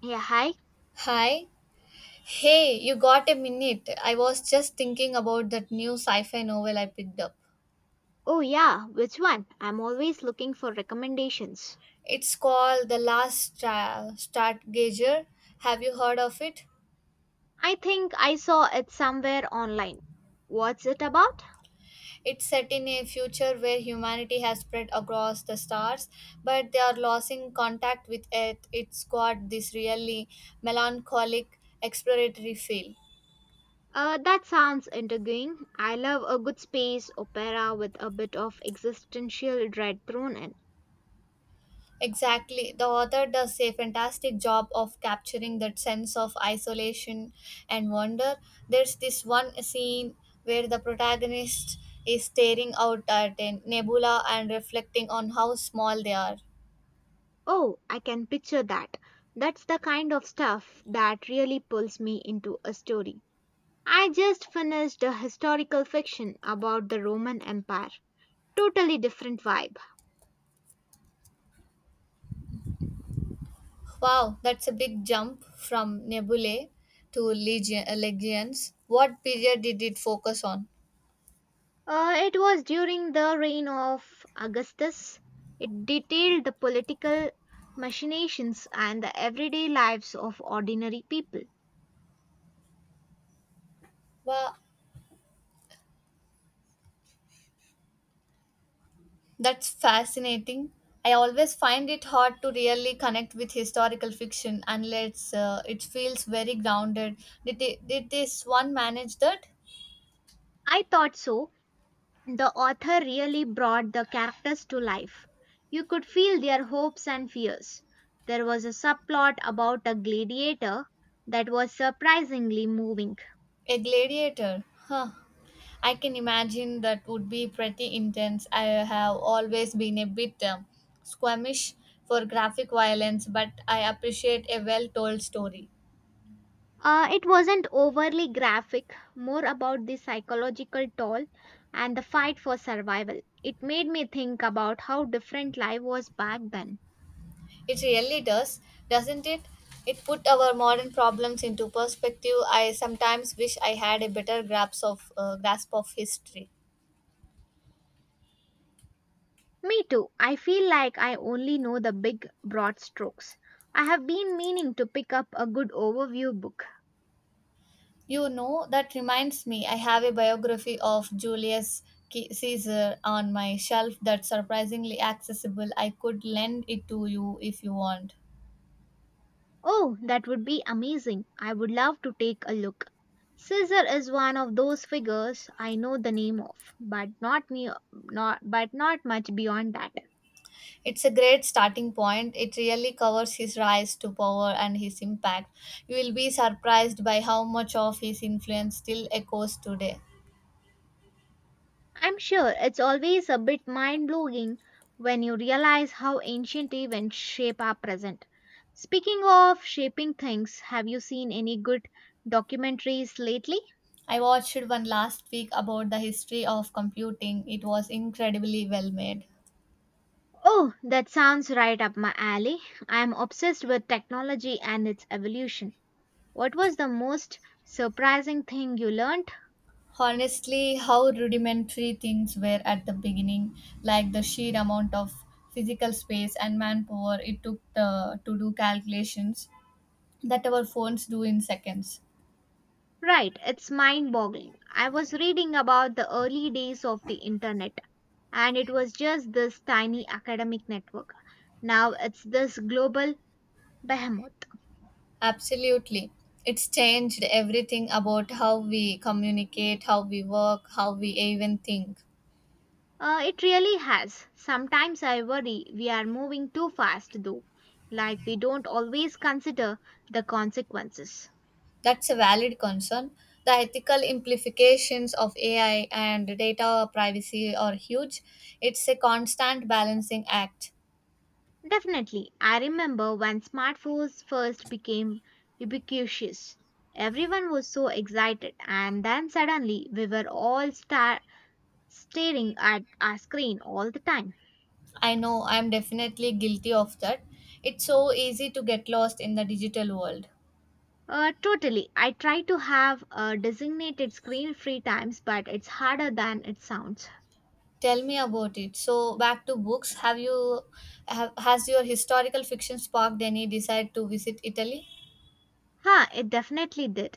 Yeah, hi. Hi. Hey, you got a minute? I was just thinking about that new sci fi novel I picked up. Oh, yeah, which one? I'm always looking for recommendations. It's called Stargazer. Have you heard of it? I think I saw it somewhere online. What's it about? It's set in a future where humanity has spread across the stars, but they are losing contact with Earth. It's got this really melancholic exploratory feel. That sounds intriguing. I love a good space opera with a bit of existential dread thrown in. Exactly. The author does a fantastic job of capturing that sense of isolation and wonder. There's this one scene where the protagonist is staring out at a nebula and reflecting on how small they are. Oh, I can picture that. That's the kind of stuff that really pulls me into a story. I just finished a historical fiction about the Roman Empire. Totally different vibe. Wow, that's a big jump from nebulae to legions. What period did it focus on? It was during the reign of Augustus. It detailed the political machinations and the everyday lives of ordinary people. Wow. That's fascinating. I always find it hard to really connect with historical fiction unless it feels very grounded. Did this one manage that? I thought so. The author really brought the characters to life. You could feel their hopes and fears. There was a subplot about a gladiator that was surprisingly moving. A gladiator. Huh. I can imagine that would be pretty intense. I have always been a bit squeamish for graphic violence, but I appreciate a well told story. It wasn't overly graphic, more about the psychological toll and the fight for survival. It made me think about how different life was back then. It really does, doesn't it? It put our modern problems into perspective. I sometimes wish I had a better grasp of history. Me too. I feel like I only know the big, broad strokes. I have been meaning to pick up a good overview book. You know, that reminds me, I have a biography of Caesar on my shelf that's surprisingly accessible. I could lend it to you if you want. Oh, that would be amazing. I would love to take a look. Caesar is one of those figures I know the name of, but not me, not but not much beyond that. It's a great starting point. It really covers his rise to power and his impact. You will be surprised by how much of his influence still echoes today. I'm sure it's always a bit mind blowing when you realize how ancient events shape our present. Speaking of shaping things, have you seen any good documentaries lately? I watched one last week about the history of computing. It was incredibly well made. Oh, that sounds right up my alley. I'm obsessed with technology and its evolution. What was the most surprising thing you learned? Honestly, how rudimentary things were at the beginning, like the sheer amount of physical space and manpower it took to do calculations that our phones do in seconds. Right, it's mind boggling. I was reading about the early days of the internet, and it was just this tiny academic network. Now it's this global behemoth. Absolutely. It's changed everything about how we communicate, how we work, how we even think. It really has. Sometimes I worry we are moving too fast, though, like we don't always consider the consequences. That's a valid concern. The ethical implications of AI and data privacy are huge. It's a constant balancing act. Definitely, I remember when smartphones first became ubiquitous. Everyone was so excited, and then suddenly we were all staring at a screen all the time. I know I'm definitely guilty of that. It's so easy to get lost in the digital world. Totally. I try to have designated screen free times, but it's harder than it sounds. Tell me about it. So back to books. Have has your historical fiction sparked any desire to visit Italy? Huh, it definitely did.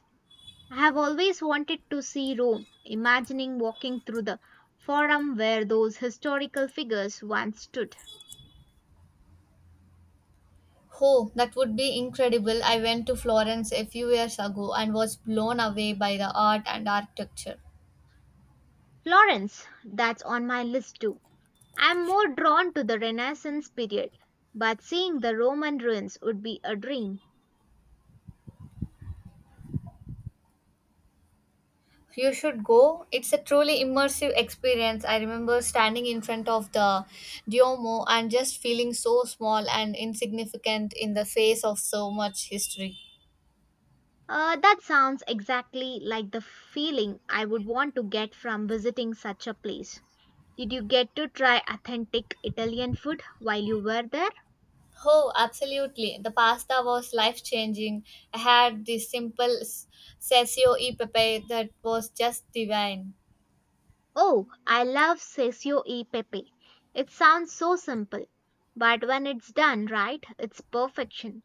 I have always wanted to see Rome, imagining walking through the forum where those historical figures once stood. Oh, that would be incredible. I went to Florence a few years ago and was blown away by the art and architecture. Florence, that's on my list too. I'm more drawn to the Renaissance period, but seeing the Roman ruins would be a dream. You should go. It's a truly immersive experience. I remember standing in front of the Duomo and just feeling so small and insignificant in the face of so much history. That sounds exactly like the feeling I would want to get from visiting such a place. Did you get to try authentic Italian food while you were there? Oh, absolutely. The pasta was life changing. I had this sessio e pepe that was just divine. Oh, I love sesio e pepe. It sounds so simple, but when it's done right, it's perfection.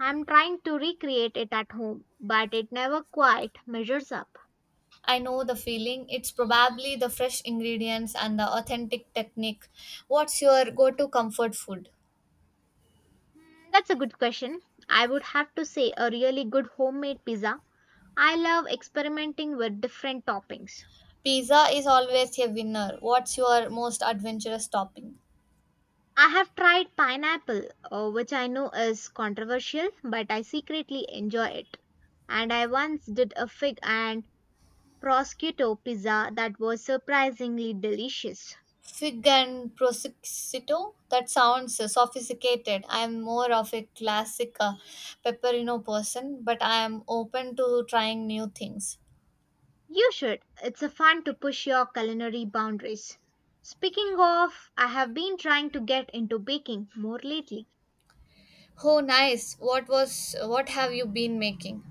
I'm trying to recreate it at home, but it never quite measures up. I know the feeling. It's probably the fresh ingredients and the authentic technique. What's your go to comfort food? Hmm, that's a good question. I would have to say a really good homemade pizza. I love experimenting with different toppings. Pizza is always a winner. What's your most adventurous topping? I have tried pineapple, which I know is controversial, but I secretly enjoy it. And I once did a fig and prosciutto pizza that was surprisingly delicious. Fig and prosciutto? That sounds sophisticated. I'm more of a classic pepperino person, but I am open to trying new things. You should. It's a fun to push your culinary boundaries. Speaking of, I have been trying to get into baking more lately. Oh, nice. What was what have you been making?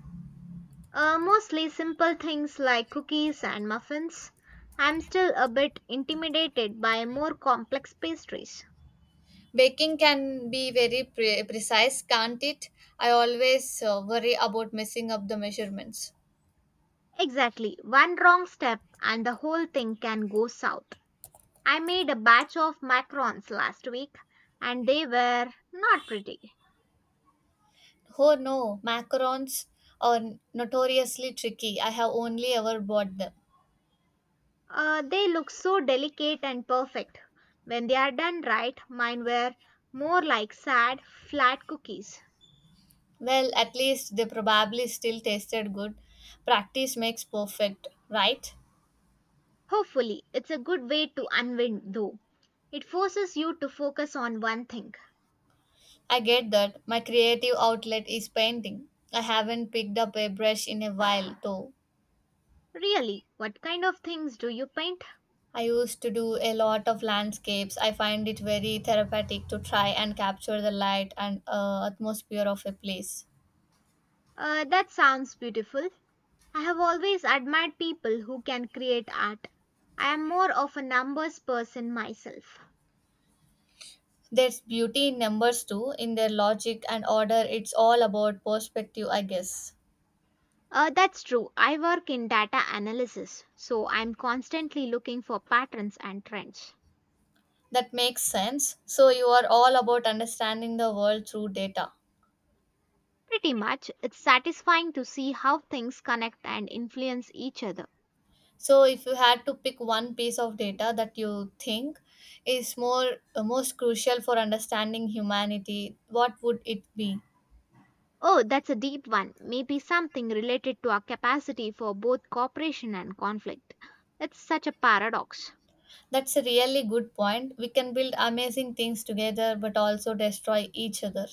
Mostly simple things like cookies and muffins. I'm still a bit intimidated by more complex pastries. Baking can be very precise, can't it? I always worry about messing up the measurements. Exactly. One wrong step and the whole thing can go south. I made a batch of macarons last week and they were not pretty. Oh no, macarons are notoriously tricky. I have only ever bought them. They look so delicate and perfect. When they are done right, mine were more like sad, flat cookies. Well, at least they probably still tasted good. Practice makes perfect, right? Hopefully, it's a good way to unwind though. It forces you to focus on one thing. I get that. My creative outlet is painting. I haven't picked up a brush in a while, though. Really, what kind of things do you paint? I used to do a lot of landscapes. I find it very therapeutic to try and capture the light and atmosphere of a place. That sounds beautiful. I have always admired people who can create art. I am more of a numbers person myself. There's beauty in numbers too, in their logic and order. It's all about perspective, I guess. That's true. I work in data analysis, so I'm constantly looking for patterns and trends. That makes sense. So, you are all about understanding the world through data. Pretty much, it's satisfying to see how things connect and influence each other. So, if you had to pick one piece of data that you think is more most crucial for understanding humanity, what would it be? Oh, that's a deep one. Maybe something related to our capacity for both cooperation and conflict. It's such a paradox. That's a really good point. We can build amazing things together but also destroy each other.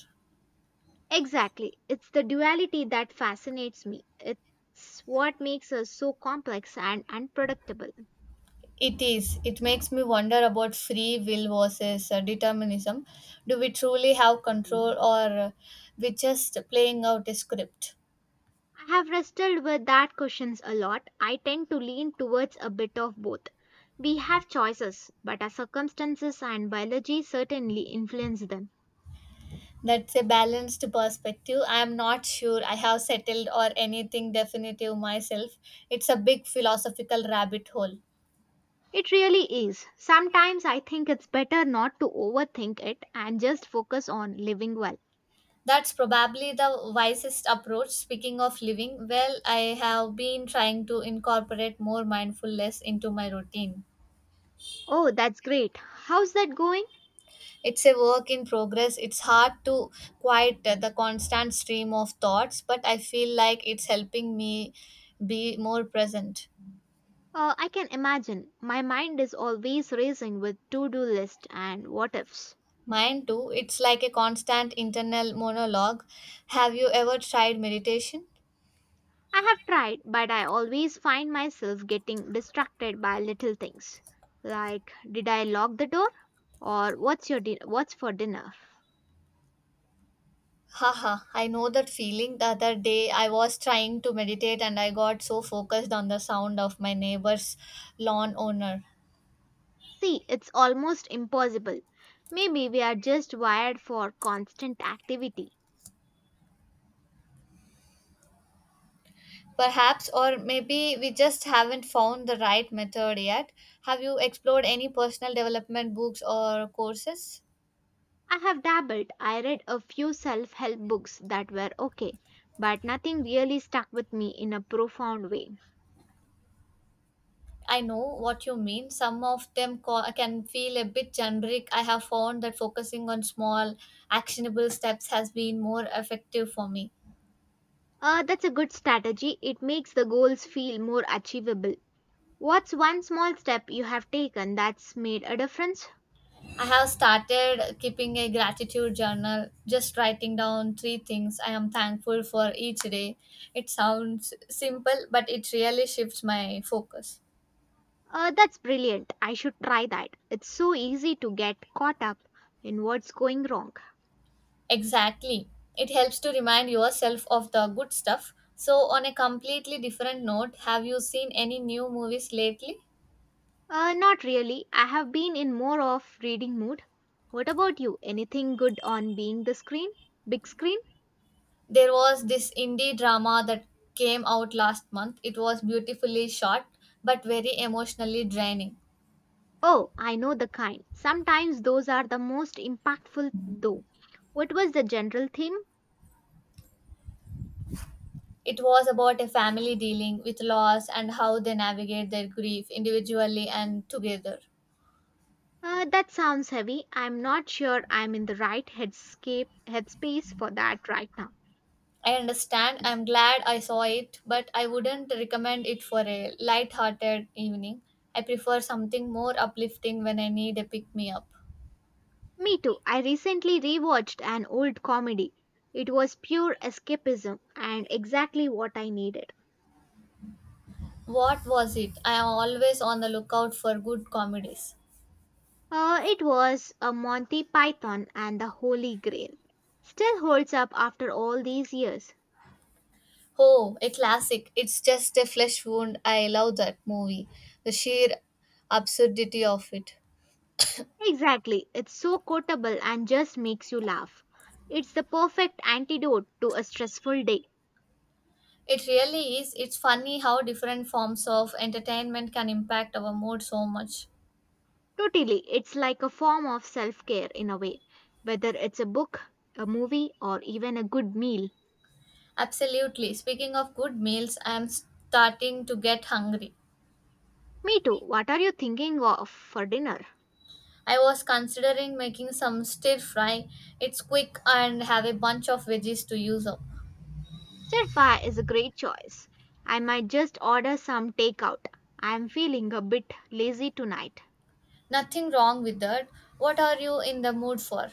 Exactly. It's the duality that fascinates me. It's what makes us so complex and unpredictable. It is. It makes me wonder about free will versus determinism. Do we truly have control, or we just playing out a script? I have wrestled with that questions a lot. I tend to lean towards a bit of both. We have choices, but our circumstances and biology certainly influence them. That's a balanced perspective. I am not sure I have settled or anything definitive myself. It's a big philosophical rabbit hole. It really is. Sometimes I think it's better not to overthink it and just focus on living well. That's probably the wisest approach. Speaking of living, well, I have been trying to incorporate more mindfulness into my routine. Oh, that's great. How's that going? It's a work in progress. It's hard to quiet the constant stream of thoughts, but I feel like it's helping me be more present. I can imagine. My mind is always racing with to do list and what ifs. Mine too. It's like a constant internal monologue. Have you ever tried meditation? I have tried, but I always find myself getting distracted by little things. Like, did I lock the door? Or what's for dinner? Haha, I know that feeling. The other day I was trying to meditate and I got so focused on the sound of my neighbor's lawn owner. See, it's almost impossible. Maybe we are just wired for constant activity. Perhaps, or maybe we just haven't found the right method yet. Have you explored any personal development books or courses? I have dabbled. I read a few self-help books that were okay, but nothing really stuck with me in a profound way. I know what you mean. Some of can feel a bit generic. I have found that focusing on small, actionable steps has been more effective for me. That's a good strategy. It makes the goals feel more achievable. What's one small step you have taken that's made a difference? I have started keeping a gratitude journal, just writing down 3 things I am thankful for each day. It sounds simple, but it really shifts my focus. That's brilliant. I should try that. It's so easy to get caught up in what's going wrong. Exactly. It helps to remind yourself of the good stuff. So, on a completely different note, have you seen any new movies lately? Not really. I have been in more of reading mood. What about you? Anything good on being the screen? Big screen? There was this indie drama that came out last month. It was beautifully shot but very emotionally draining. Oh, I know the kind. Sometimes those are the most impactful though. What was the general theme? It was about a family dealing with loss and how they navigate their grief individually and together. That sounds heavy. I'm not sure I'm in the right headspace for that right now. I understand. I'm glad I saw it, but I wouldn't recommend it for a light-hearted evening. I prefer something more uplifting when I need a pick-me-up. Me too. I recently rewatched an old comedy. It was pure escapism and exactly what I needed. What was it? I am always on the lookout for good comedies. It was a Monty Python and the Holy Grail. Still holds up after all these years. Oh, a classic. It's just a flesh wound. I love that movie. The sheer absurdity of it. Exactly. It's so quotable and just makes you laugh. It's the perfect antidote to a stressful day. It really is. It's funny how different forms of entertainment can impact our mood so much. Totally, it's like a form of self care in a way, whether it's a book, a movie, or even a good meal. Absolutely. Speaking of good meals, I am starting to get hungry. Me too, what are you thinking of for dinner? I was considering making some stir fry. It's quick and have a bunch of veggies to use up. Stir fry is a great choice. I might just order some takeout. I'm feeling a bit lazy tonight. Nothing wrong with that. What are you in the mood for?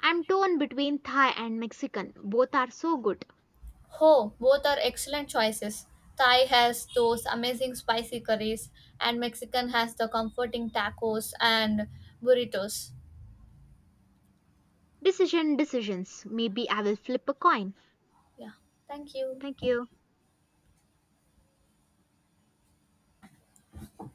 I'm torn between Thai and Mexican, both are so good. Oh, both are excellent choices. Thai has those amazing spicy curries, and Mexican has the comforting tacos and burritos. Decision decisions. Maybe I will flip a coin. Yeah, thank you. Thank you.